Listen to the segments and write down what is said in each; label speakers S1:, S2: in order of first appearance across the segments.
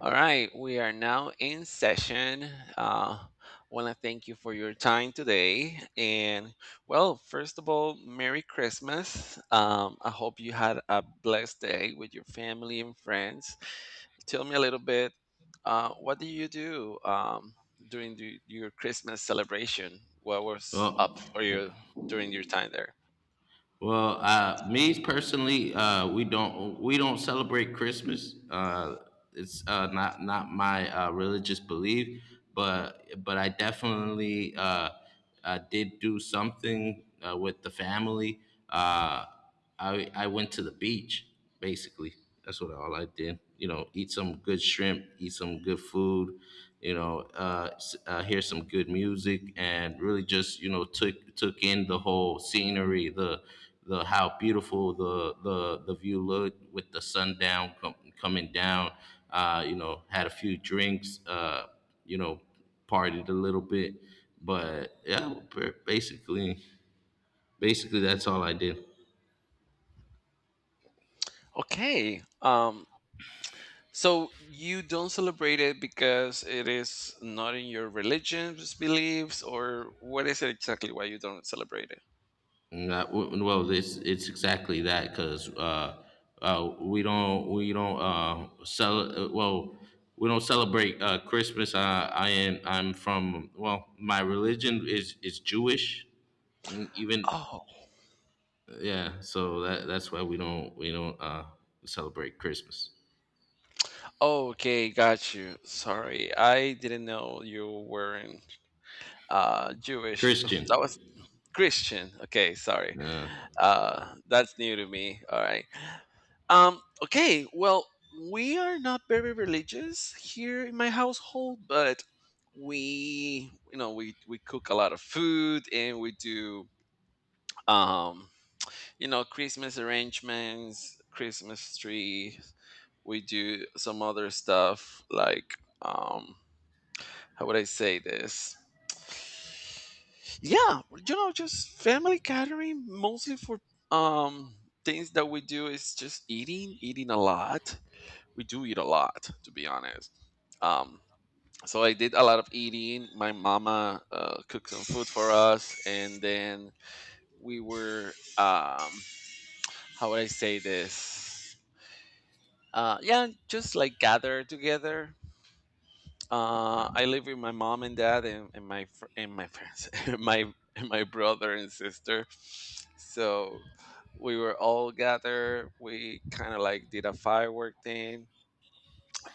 S1: All right, we are now in session. Uh, want to thank you for your time today. And well, first of all, Merry Christmas. I hope you had a blessed day with your family and friends. Tell me a little bit, what did you do during your Christmas celebration? What was up
S2: Well,
S1: for you during your time there?
S2: well, me personally, we don't celebrate Christmas. It's not my religious belief, but I definitely did do something with the family. Uh, I went to the beach basically. That's what all I did. You know, eat some good shrimp, eat some good food. You know, hear some good music, and really just you know took in the whole scenery, the how beautiful the view looked with the sundown coming down. You know, had a few drinks. You know, partied a little bit, but yeah, basically, basically that's all I did.
S1: Okay. So you don't celebrate it because it is not in your religion's beliefs, or what is it exactly why you don't celebrate it?
S2: No, well, it's exactly that, because, uh, we don't, we don't, uh, cel- uh, well, we don't celebrate, Christmas. I'm from, well, my religion is Jewish. Even, yeah, so that's why we don't celebrate Christmas.
S1: Oh, okay, got you. Sorry, I didn't know you weren't Jewish.
S2: Christian,
S1: That was Christian. Okay, sorry.
S2: yeah.
S1: That's new to me. All right. Okay, well, we are not very religious here in my household, but we, you know, we cook a lot of food and we do, um, Christmas arrangements, Christmas tree. We do some other stuff like um how would I say this? Yeah, just family gathering mostly for um things that we do is just eating, eating a lot. We do eat a lot, to be honest. Um, so I did a lot of eating. My mama cooked some food for us, and then we were um, how would I say this? Yeah, just like gather together. I live with my mom and dad and and my friends, and my brother and sister. So we were all gathered. We kind of like did a firework thing.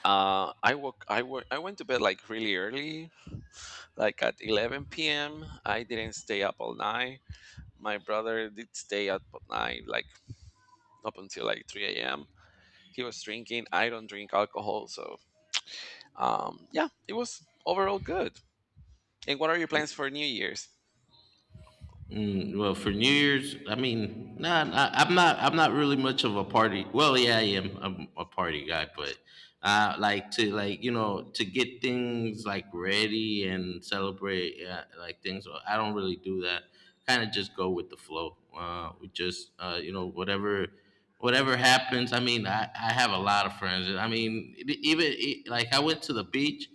S1: I woke. I woke. I went to bed like really early, like at 11 p.m. I didn't stay up all night. My brother did stay up all night, like up until like 3 a.m. He was drinking. I don't drink alcohol, so yeah, it was overall good. And what are your plans for New Year's?
S2: Mm, well, for New Year's, I mean, nah, I'm not. I'm not really much of a party. Well, yeah, I am. I'm a party guy, but like to like you know to get things like ready and celebrate, yeah, like things. So I don't really do that. Kind of just go with the flow. We just you know whatever happens. I mean, I have a lot of friends. I mean, even like I went to the beach,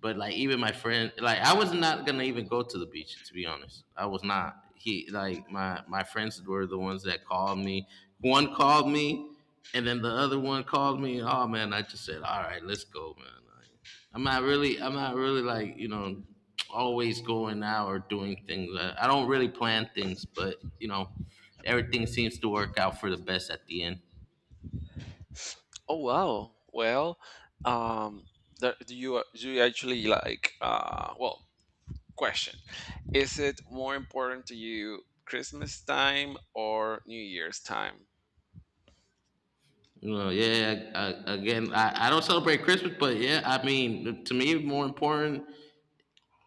S2: but like even my friend, like I was not gonna even go to the beach to be honest. I was not. He like my friends were the ones that called me. One called me, and then the other one called me. Oh man, I just said, all right, let's go, man. Like, I'm not really like you know, always going out or doing things. I don't really plan things, but you know, everything seems to work out for the best at the end.
S1: Oh wow. Well, um, do you actually question. Is it more important to you Christmas time or New Year's time?
S2: You know, yeah. Again, I don't celebrate Christmas, but yeah, I mean, to me, more important,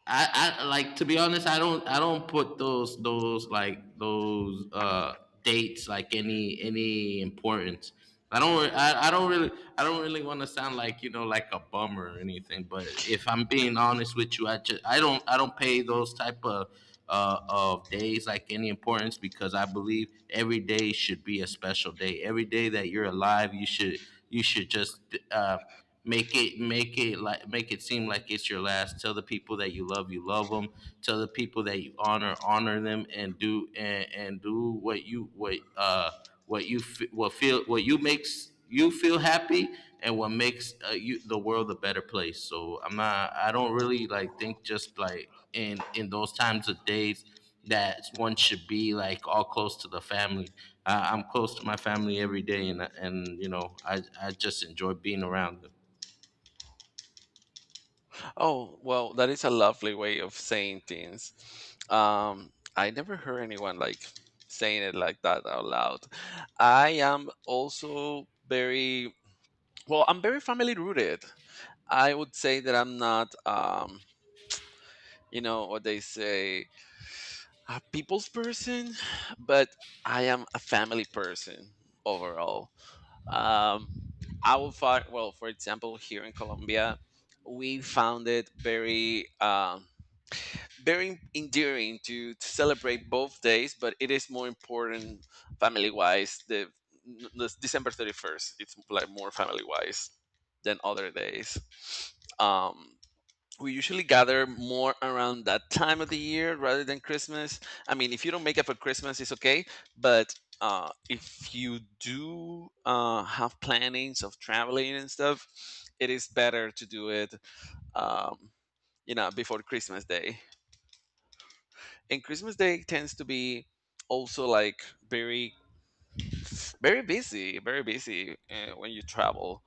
S2: I like, to be honest, I don't put those like those dates like any importance. I don't I, I don't really I don't really want to sound like you know like a bummer or anything. But if I'm being honest with you, I don't pay those type of days like any importance, because I believe every day should be a special day. Every day that you're alive, you should just uh make it seem like it's your last. Tell the people that you love them. Tell the people that you honor, honor them. And do and do what you f- what feel what you makes you feel happy, and what makes you the world a better place. So I don't really like think just like in those times of days that one should be like all close to the family. I'm close to my family every day, and you know I just enjoy being around them.
S1: Oh, well, that is a lovely way of saying things. Um, I never heard anyone like saying it like that out loud. I am also very well, I'm very family rooted. I would say that I'm not what they say a people's person, but I am a family person overall. Um, well, for example, here in Colombia, we found it very very endearing to celebrate both days, but it is more important family wise. The December 31st, it's like more family wise than other days. Um, we usually gather more around that time of the year rather than Christmas. I mean, if you don't make it for Christmas, it's okay. But if you do have plannings of traveling and stuff, it is better to do it, um, before Christmas Day. And Christmas Day tends to be also like very, very busy when you travel.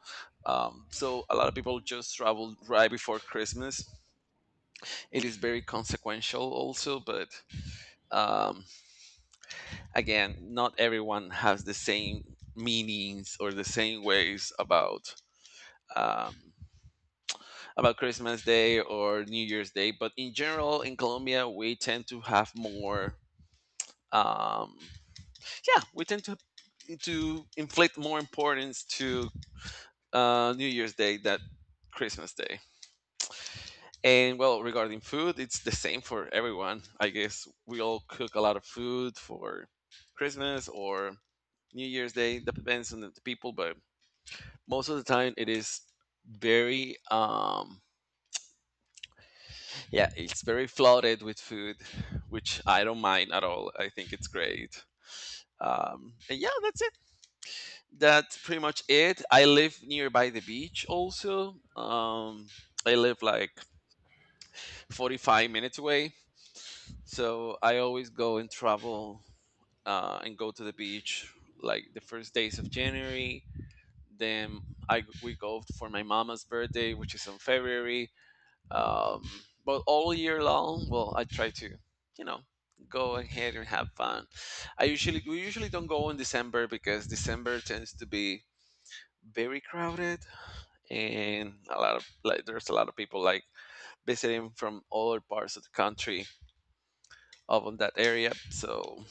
S1: So a lot of people just travel right before Christmas. It is very consequential also, but um, again, not everyone has the same meanings or the same ways um, about Christmas Day or New Year's Day, but in general, in Colombia, we tend to have more. Um, yeah, we tend to inflict more importance to New Year's Day than Christmas Day. And well, regarding food, it's the same for everyone. I guess we all cook a lot of food for Christmas or New Year's Day. That depends on the people, but most of the time it is very yeah, it's very flooded with food, which I don't mind at all. I think it's great. And yeah, that's it. That's pretty much it. I live nearby the beach also. I live like 45 minutes away. So I always go and travel and go to the beach like the first days of January. Then I we go for my mama's birthday, which is in February. Um, but all year long, well, I try to, you know, go ahead and have fun. I usually We usually don't go in December because December tends to be very crowded and a lot of like there's a lot of people like visiting from other parts of the country of that area. So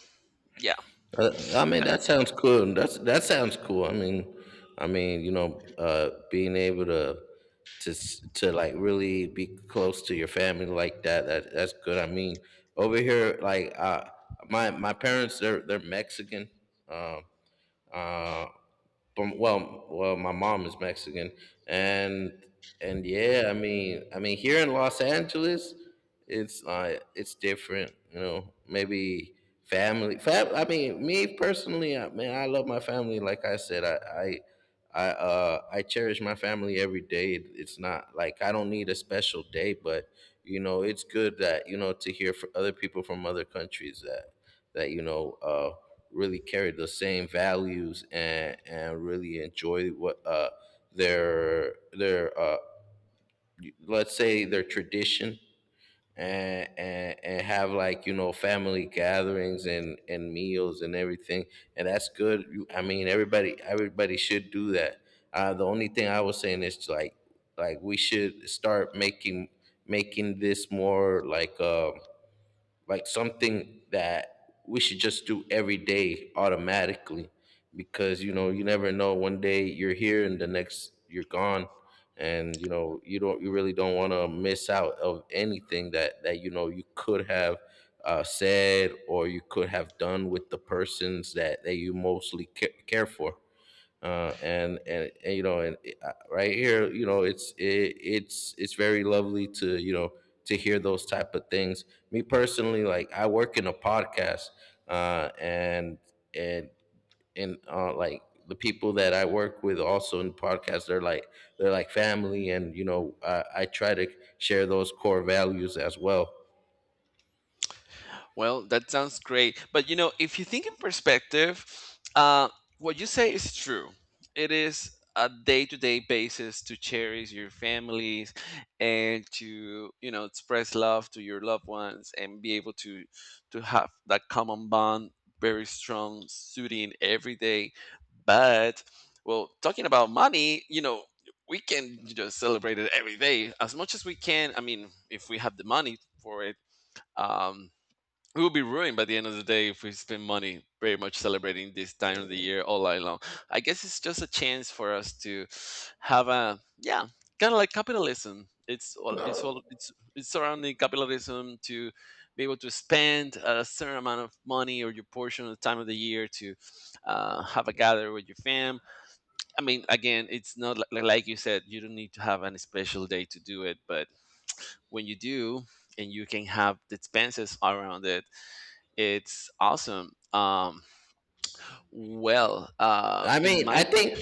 S1: yeah.
S2: I mean, that sounds cool. That sounds cool. I mean, you know, being able to like really be close to your family like that, that's good. I mean, over here, like my parents, they're Mexican. Um, uh, but, well, my mom is Mexican, and and yeah, I mean, here in Los Angeles, it's different, you know. Maybe I mean, me personally, I mean, I love my family. Like I said, I cherish my family every day. It's not like I don't need a special day, but you know, it's good that you know to hear from other people from other countries that you know, really carried the same values, and really enjoyed what their let's say their tradition, and have like you know family gatherings and meals and everything, and that's good. I mean everybody should do that. The only thing I was saying is like we should start making this more like something that we should just do every day automatically, because you know you never know, one day you're here and the next you're gone, and you know you really don't want to miss out of anything that you know you could have said or you could have done with the persons that you mostly care for. And you know, and right here, you know, it's it, it's very lovely to you know to hear those type of things. Me personally, like I work in a podcast, uh, and and and like the people that I work with also in podcasts, they're like family, and you know, I try to share those core values as well.
S1: Well, that sounds great. But if you think in perspective, uh, what you say is true. It is a day-to-day basis to cherish your families and to express love to your loved ones and be able to have that common bond very strong, soothing every day. But well, talking about money. We can just celebrate it every day as much as we can. I mean, if we have the money for it, um, we will be ruined by the end of the day if we spend money very much celebrating this time of the year all night long. I guess it's just a chance for us to have a yeah, kind of like capitalism. It's all it's all it's surrounding capitalism to be able to spend a certain amount of money or your portion of the time of the year to have a gather with your fam. I mean, again, it's not like you said, you don't need to have any special day to do it, but when you do and you can have the expenses around it, it's awesome. Well,
S2: I
S1: in
S2: mean, I
S1: my
S2: think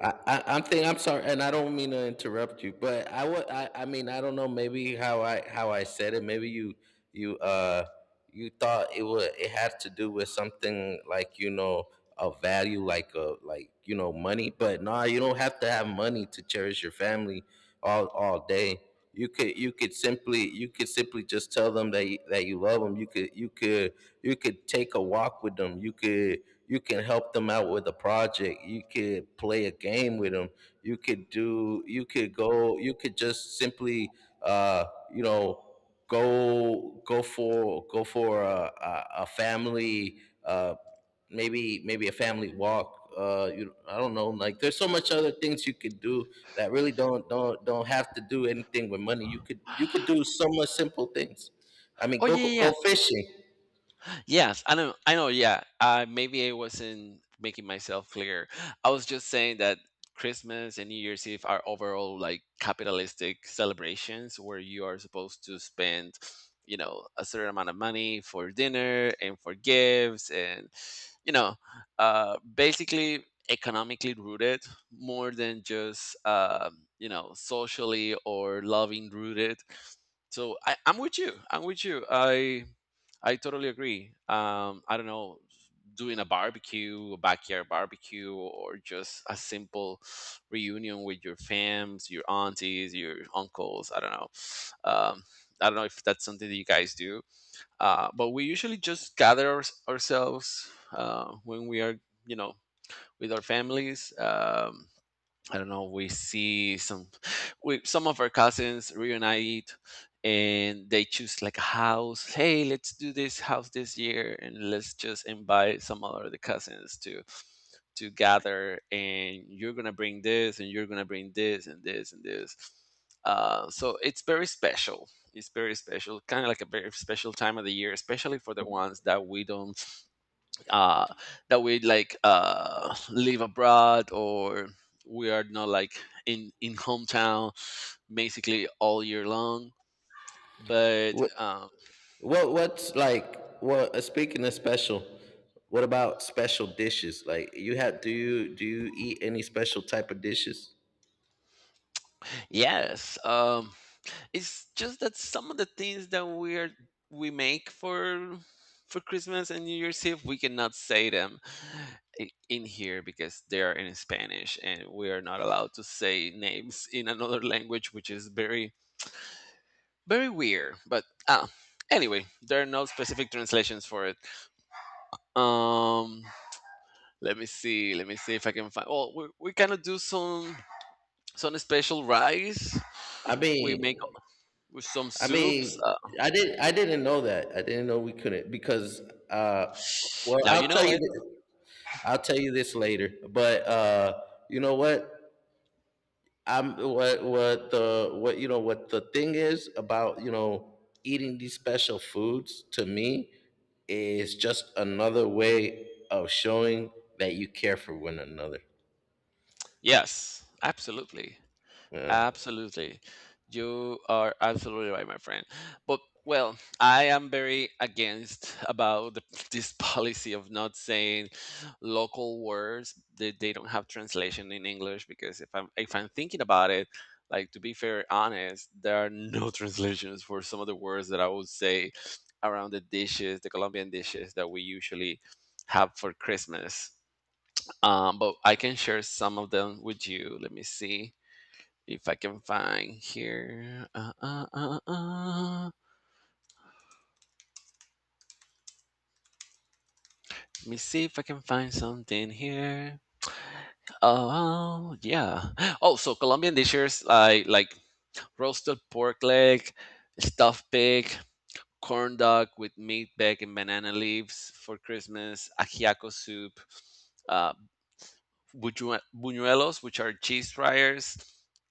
S2: I'm sorry, and I don't mean to interrupt you, but I mean I don't know maybe how I said it. Maybe you thought it had to do with something like you know a value, like you know money, but nah, you don't have to have money to cherish your family all day. You could simply just tell them that you love them. You could take a walk with them. You can help them out with a project. You could play a game with them. You could just simply uh you know go for a family, uh maybe maybe a family walk. You I don't know, like there's so much other things you could do that really don't have to do anything with money. You could do so much simple things. I mean,
S1: oh
S2: go
S1: yeah, yeah,
S2: go
S1: yeah.
S2: fishing.
S1: Yes, I know. I know. Yeah. Maybe I wasn't making myself clear. I was just saying that Christmas and New Year's Eve are overall like capitalistic celebrations where you are supposed to spend, a certain amount of money for dinner and for gifts, and, you know, basically economically rooted more than just, socially or loving rooted. So I'm with you. I'm with you. I totally agree. I don't know, doing a barbecue, a backyard barbecue, or just a simple reunion with your fams, your aunties, your uncles. I don't know. Um, I don't know if that's something that you guys do, but we usually just gather ourselves when we are, you know, with our families. I don't know, we see some of our cousins reunite and they choose like a house. Hey, let's do this house this year, and let's just invite some other the cousins to gather, and you're gonna bring this, and you're gonna bring this and this and this. So it's very special. It's very special, kind of like a very special time of the year, especially for the ones that we don't uh, that we like live abroad or we are not like in hometown basically all year long, but
S2: What what's like what speaking of special, what about special dishes? Like you have Do you eat any special type of dishes?
S1: yes. It's just that some of the things that we make for Christmas and New Year's Eve, we cannot say them in here because they are in Spanish and we are not allowed to say names in another language, which is very, very weird. But ah anyway, there are no specific translations for it. um Let me see, let me see if I can find. Well, we kind of do some special rice
S2: I
S1: we make
S2: mean
S1: with some
S2: I
S1: soups
S2: mean I didn't know that. I didn't know we couldn't because uh well,
S1: now you know it.
S2: I'll tell you this later. But you know what? I'm what the what you know, what the thing is about eating these special foods, to me, is just another way of showing that you care for one another.
S1: Yes, absolutely.
S2: Yeah,
S1: Absolutely. You are absolutely right, my friend. But well, I am very against about this policy of not saying local words that they don't have translation in English, because if I'm thinking about it, like to be fair honest, there are no translations for some of the words that I would say around the dishes, the Colombian dishes that we usually have for Christmas. But I can share some of them with you. Let me see. If I can find here, Let me see if I can find something here. Oh yeah. Oh, so Colombian dishes like roasted pork leg, stuffed pig, corn dog with meat, bag, and banana leaves for Christmas. Ajiaco soup, uh, buñuelos, which are cheese fryers,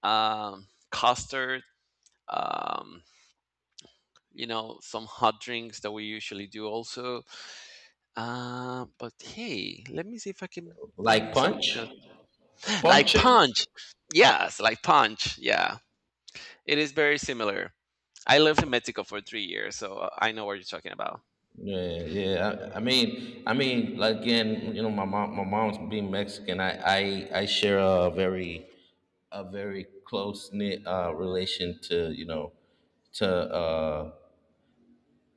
S1: custard. Um, some hot drinks that we usually do also. But hey, let me see if I can
S2: like
S1: find something
S2: punch,
S1: else. Like
S2: punch.
S1: Punch. Yes, like Punch. Yeah. It is very similar. I lived in Mexico for 3 years, so I know what you're talking about.
S2: Yeah, yeah. I mean, like again, you know, my mom's being Mexican. I share a very, close knit relation to you know, to uh,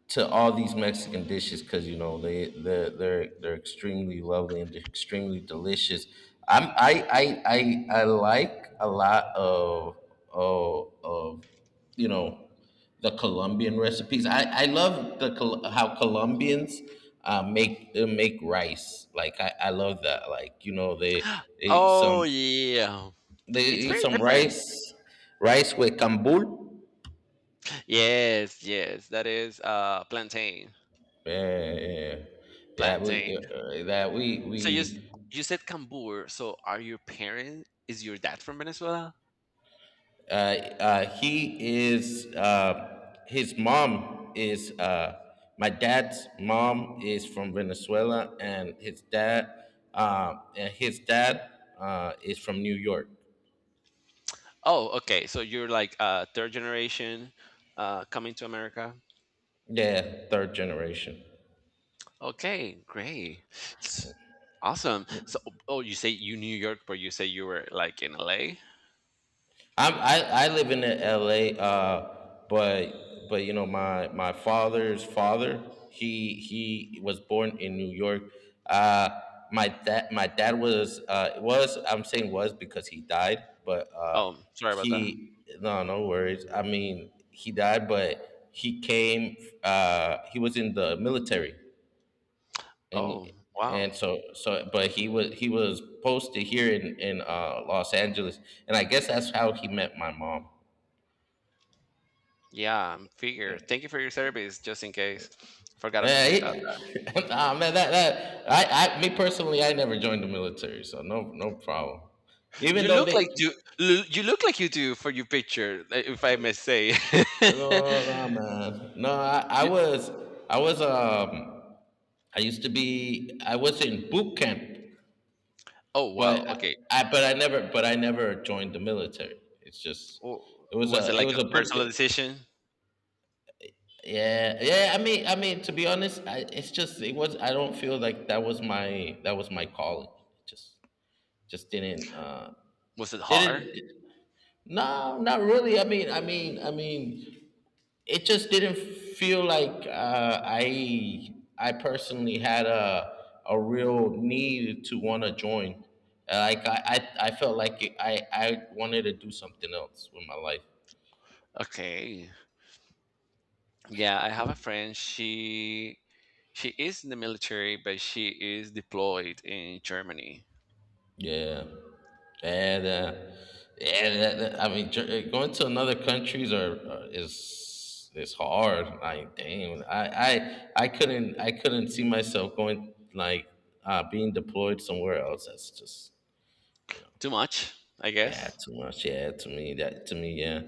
S2: to all these Mexican dishes, because you know they're extremely lovely and they're extremely delicious. I'm I like a lot of you know the Colombian recipes. I love how Colombians make rice. Like I love that. Like you know they eat
S1: Oh,
S2: some,
S1: yeah.
S2: they
S1: It's
S2: eat
S1: very
S2: some
S1: different.
S2: rice rice with cambul.
S1: Yes, yes. That is plantain.
S2: Yeah, yeah, yeah. We
S1: Plantain.
S2: that
S1: So you s-
S2: we
S1: you said Cambur. So are your parents is your dad from Venezuela?
S2: Uh, uh, he is, uh, his mom is, uh, my dad's mom is from Venezuela, and and his dad is from New York.
S1: Oh, okay. So you're like third generation coming to America?
S2: Yeah, third generation.
S1: Okay, great. S- Awesome. So, oh, you say you New York, but you say you were like in LA?
S2: I live in L.A. But but you know my father's father, he was born in New York. Uh, my dad was, was, I'm saying was because he died, but
S1: Oh, sorry about that.
S2: he no no worries. I mean he died, but he came. He was in the military, and
S1: Oh,
S2: and
S1: wow.
S2: so so but he was posted here in Los Angeles, and I guess that's how he met my mom.
S1: Yeah, I'm figure. Thank you for your service, just in case. I forgot to
S2: Yeah,
S1: say that.
S2: nah, man, that that I me personally, I never joined the military, so no problem. Even
S1: You
S2: though
S1: look
S2: they,
S1: like you you look like you do for your picture, if I may say.
S2: no, no, man, no,
S1: You-
S2: I was um I used to be I was in boot camp,
S1: oh, wow.
S2: but
S1: Okay.
S2: I never joined the military. It's just
S1: W- Was it
S2: it
S1: like
S2: was
S1: a
S2: a boot.
S1: personal
S2: Ca-
S1: decision?
S2: Yeah, yeah. I mean, to be honest, it was. I don't feel like that was my calling. Just just didn't uh
S1: Was it
S2: didn't
S1: hard?
S2: No, not really. I mean, it just didn't feel like I personally had a real need to want to join. Like I felt like I wanted to do something else with my life.
S1: Okay. Yeah, I have a friend. She is in the military, but she is deployed in Germany.
S2: Yeah. And going to another countries are is hard. Like, damn, I couldn't see myself going being deployed somewhere else. That's just
S1: Too much, I
S2: yeah,
S1: guess.
S2: too much. Yeah, to me, yeah.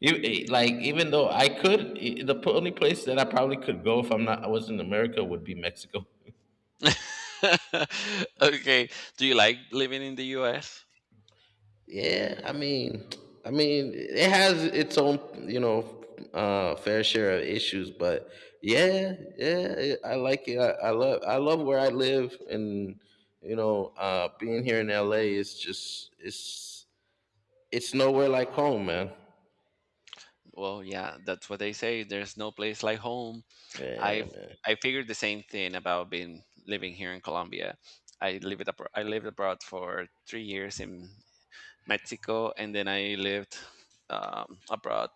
S2: Like even though I could, only place that I probably could go if I'm not I was in America would be Mexico.
S1: Okay. Do you like living in the US?
S2: Yeah, I mean, it has its own, you know, fair share of issues, but yeah, I like it. I love where I live, and being here in LA is just, it's nowhere like home, man.
S1: Well, yeah, that's what they say. There's no place like home.
S2: Yeah,
S1: I've
S2: man.
S1: I figured the same thing about being living here in Colombia. I lived abroad. I lived abroad for 3 years in Mexico, and then I lived abroad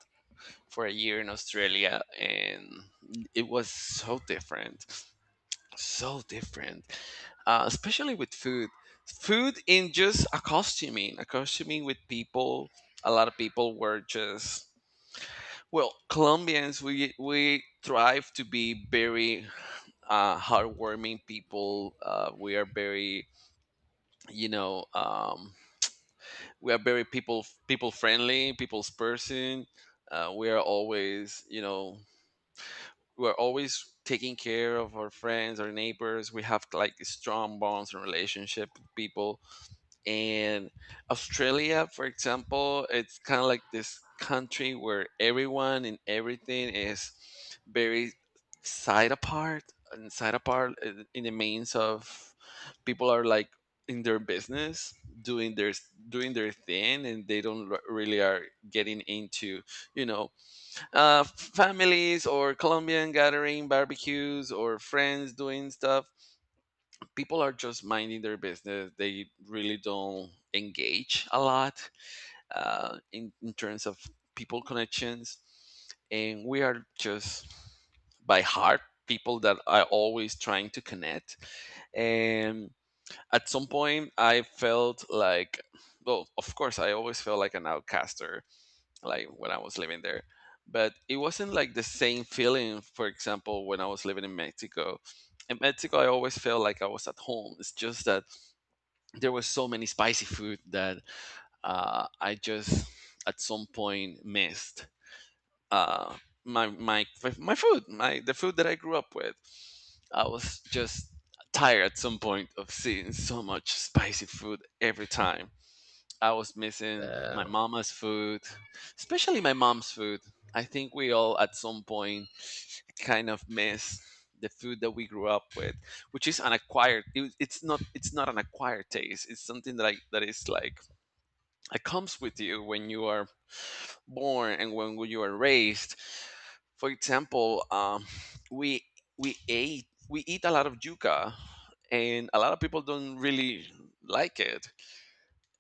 S1: for a year in Australia, and it was so different, especially with food. Food in just accostuming, accostuming with people. A lot of people were just well, Colombians. We thrive to be very heartwarming people. We are very, you know, we are very people friendly, people's person. We are always, you know, we're always taking care of our friends, our neighbors. We have like strong bonds and relationship with people. And Australia, for example, it's kind of like this country where everyone and everything is very side apart and side apart in the means of people are like in their business doing their doing their thing, and they don't really are getting into, you know, families or Colombian gathering, barbecues or friends doing stuff. People are just minding their business. They really don't engage a lot in terms of people connections. And we are just by heart people that are always trying to connect. And at some point, I felt like, well, of course, I always felt like an outcaster like when I was living there. But it wasn't like the same feeling, for example, when I was living in Mexico. In Mexico, I always felt like I was at home. It's just that there was so many spicy food that I just at some point missed uh, my my food, my the food that I grew up with. I was just tired at some point of seeing so much spicy food every time I was missing my
S2: Uh,
S1: mama's food, especially my mom's food. I think we all at some point kind of miss the food that we grew up with, which is an acquired. It's not. It's not an acquired taste. It's something that that is like it comes with you when you are born and when you are raised. For example, we we eat a lot of yuca, and a lot of people don't really like it.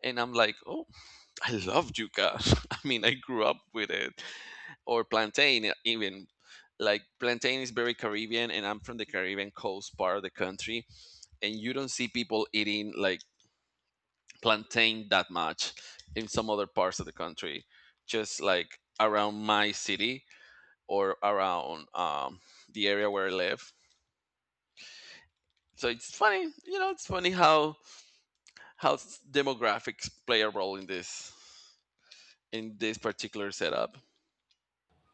S1: And I'm like, oh, I love yuca. I mean, I grew up with it, or plantain even. Like plantain is very Caribbean, and I'm from the Caribbean coast part of the country, and you don't see people eating like plantain that much in some other parts of the country. Just like around my city or around the area where I live. So it's funny, you know, it's funny how demographics play a role in this particular setup.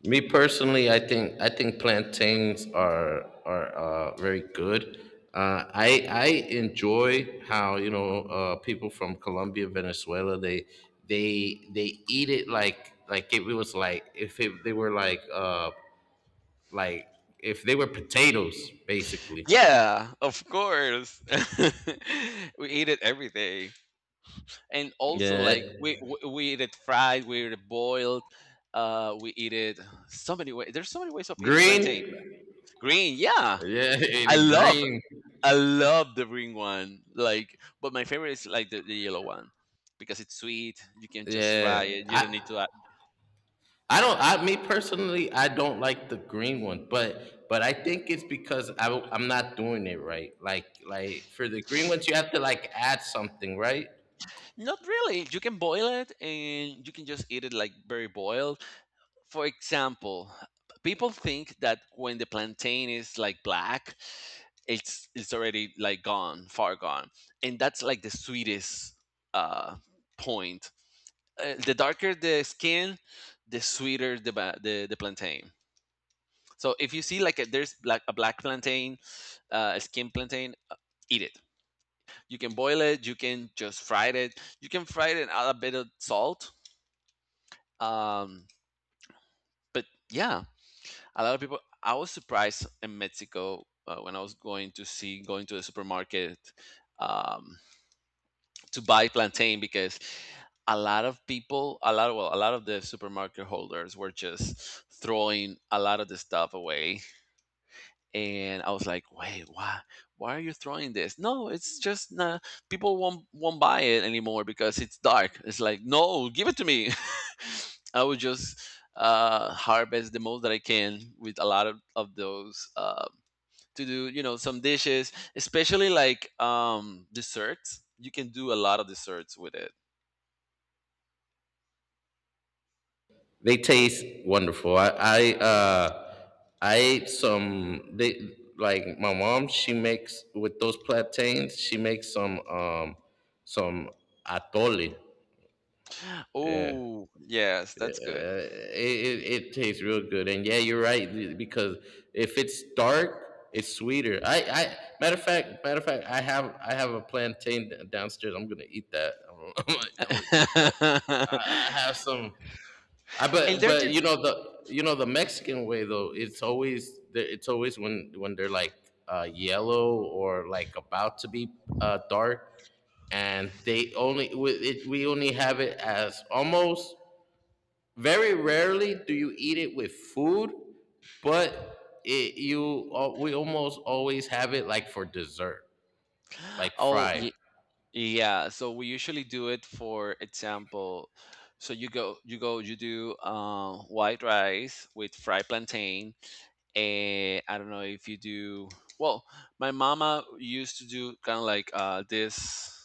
S2: Me personally, I think plantains are very good. I enjoy how people from Colombia, Venezuela, they eat it like if it, they were like like if they were potatoes basically.
S1: Yeah, of course. We eat it every day, and also
S2: Yeah,
S1: like we eat it fried, we eat it boiled, we eat it so many ways. There's so many ways of eating plantain.
S2: green.
S1: Green, yeah,
S2: Yeah,
S1: I
S2: the
S1: love
S2: green.
S1: I love the green one. Like, but my favorite is like the yellow one because it's sweet. You can just fry
S2: Yeah,
S1: it. You don't need to add.
S2: I don't. I me personally, I don't like the green one, but I think it's because I am not doing it right. For the green ones, you have to like add something, right?
S1: Not really. You can boil it, and you can just eat it like very boiled. For example, people think that when the plantain is like black, it's already like gone, far gone, and that's like the sweetest uh, point. The darker the skin, the sweeter the the plantain. So if you see like there's like a black plantain, a skin plantain, eat it. You can boil it. You can just fry it. You can fry it and add a bit of salt. Um, but yeah, a lot of people I was surprised in Mexico when I was going to the supermarket, um, to buy plantain because a lot of well a lot of the supermarket holders were just throwing a lot of the stuff away, and I was like, "Wait, why? Why are you throwing this? No, it's just nah, people won't buy it anymore because it's dark." It's like, "No, give it to me." I would just harvest the most that I can with a lot of those to do, you know, some dishes, especially like desserts. You can do a lot of desserts with it.
S2: They taste wonderful. I ate some. They, like my mom. She makes with those plantains. She makes some some atole. Yeah.
S1: Oh, yes, that's good.
S2: It tastes real good, and yeah, you're right because if it's dark, it's sweeter. I matter of fact, I have a plantain downstairs. I'm gonna eat that. I'm gonna eat that.
S1: And
S2: I have some. I But
S1: they're different.
S2: you know the Mexican way, though. It's always when they're like yellow or like about to be dark, and they only we, it, we only have it as, almost very rarely do you eat it with food, but we almost always have it like for dessert, like
S1: Oh,
S2: fried.
S1: yeah, so we usually do it, for example, so you do white rice with fried plantain, and I don't know if you do, well, my mama used to do kind of like this.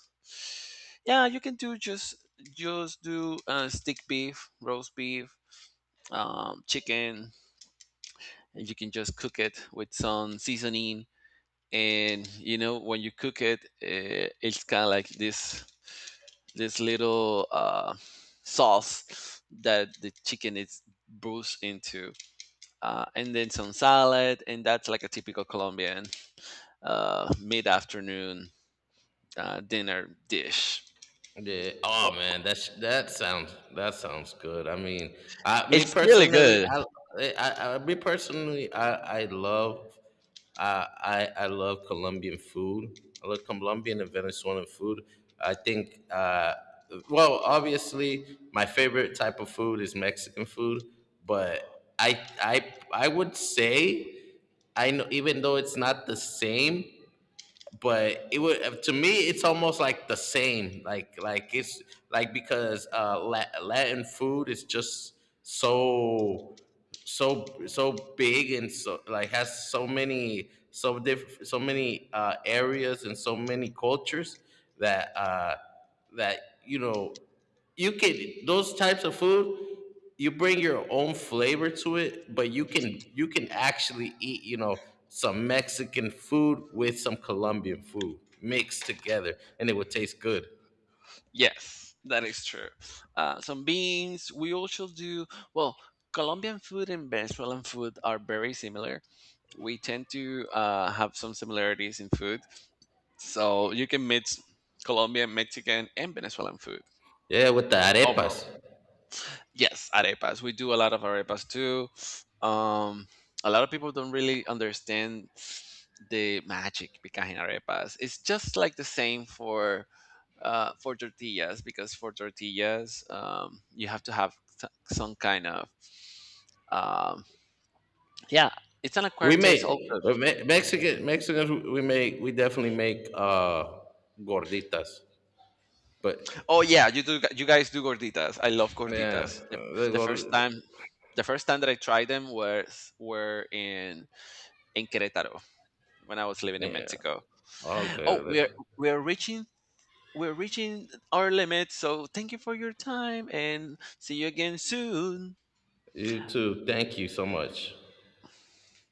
S1: Yeah, you can do just do stick beef, roast beef, chicken, and you can just cook it with some seasoning. And you know when you cook it, it's kind of like this little sauce that the chicken is bruised into, and then some salad, and that's like a typical Colombian mid-afternoon dinner dish.
S2: Yeah. Oh
S1: Well,
S2: man, that sounds good. I mean, I me
S1: it's really
S2: personally,
S1: good.
S2: I I love, I love Colombian food. I love Colombian and Venezuelan food. I think well, obviously my favorite type of food is Mexican food, but I would say, I know even though it's not the same, but it would, to me it's almost like the same, like it's like because uh, latin food is just so so big and so, like, has so many, so many uh, areas and so many cultures that you know, you can, those types of food, you bring your own flavor to it, but you can, actually eat, you know, some Mexican food with some Colombian food mixed together, and it would taste good.
S1: Yes, that is true. Some beans. We also do well. Colombian food and Venezuelan food are very similar. We tend to have some similarities in food, so you can mix Colombian, Mexican, and Venezuelan food.
S2: Yeah, with the arepas.
S1: Overall, yes, arepas. We do a lot of arepas too. Um, a lot of people don't really understand the magic behind arepas. It's just like the same for tortillas because for tortillas, you have to have some kind of um, yeah. It's an
S2: We
S1: acquired taste also.
S2: make, but Mexican, Mexicans, we definitely make uh, gorditas, but
S1: Oh yeah, you do. You guys do gorditas. I love
S2: yeah,
S1: gorditas.
S2: uh, the
S1: The first
S2: gord-
S1: time, the first time that I tried them was were in Querétaro when I was living in
S2: yeah,
S1: Mexico.
S2: okay.
S1: Oh, we're reaching we're reaching our limit. So thank you for your time, and see you again soon.
S2: You too, thank you so much.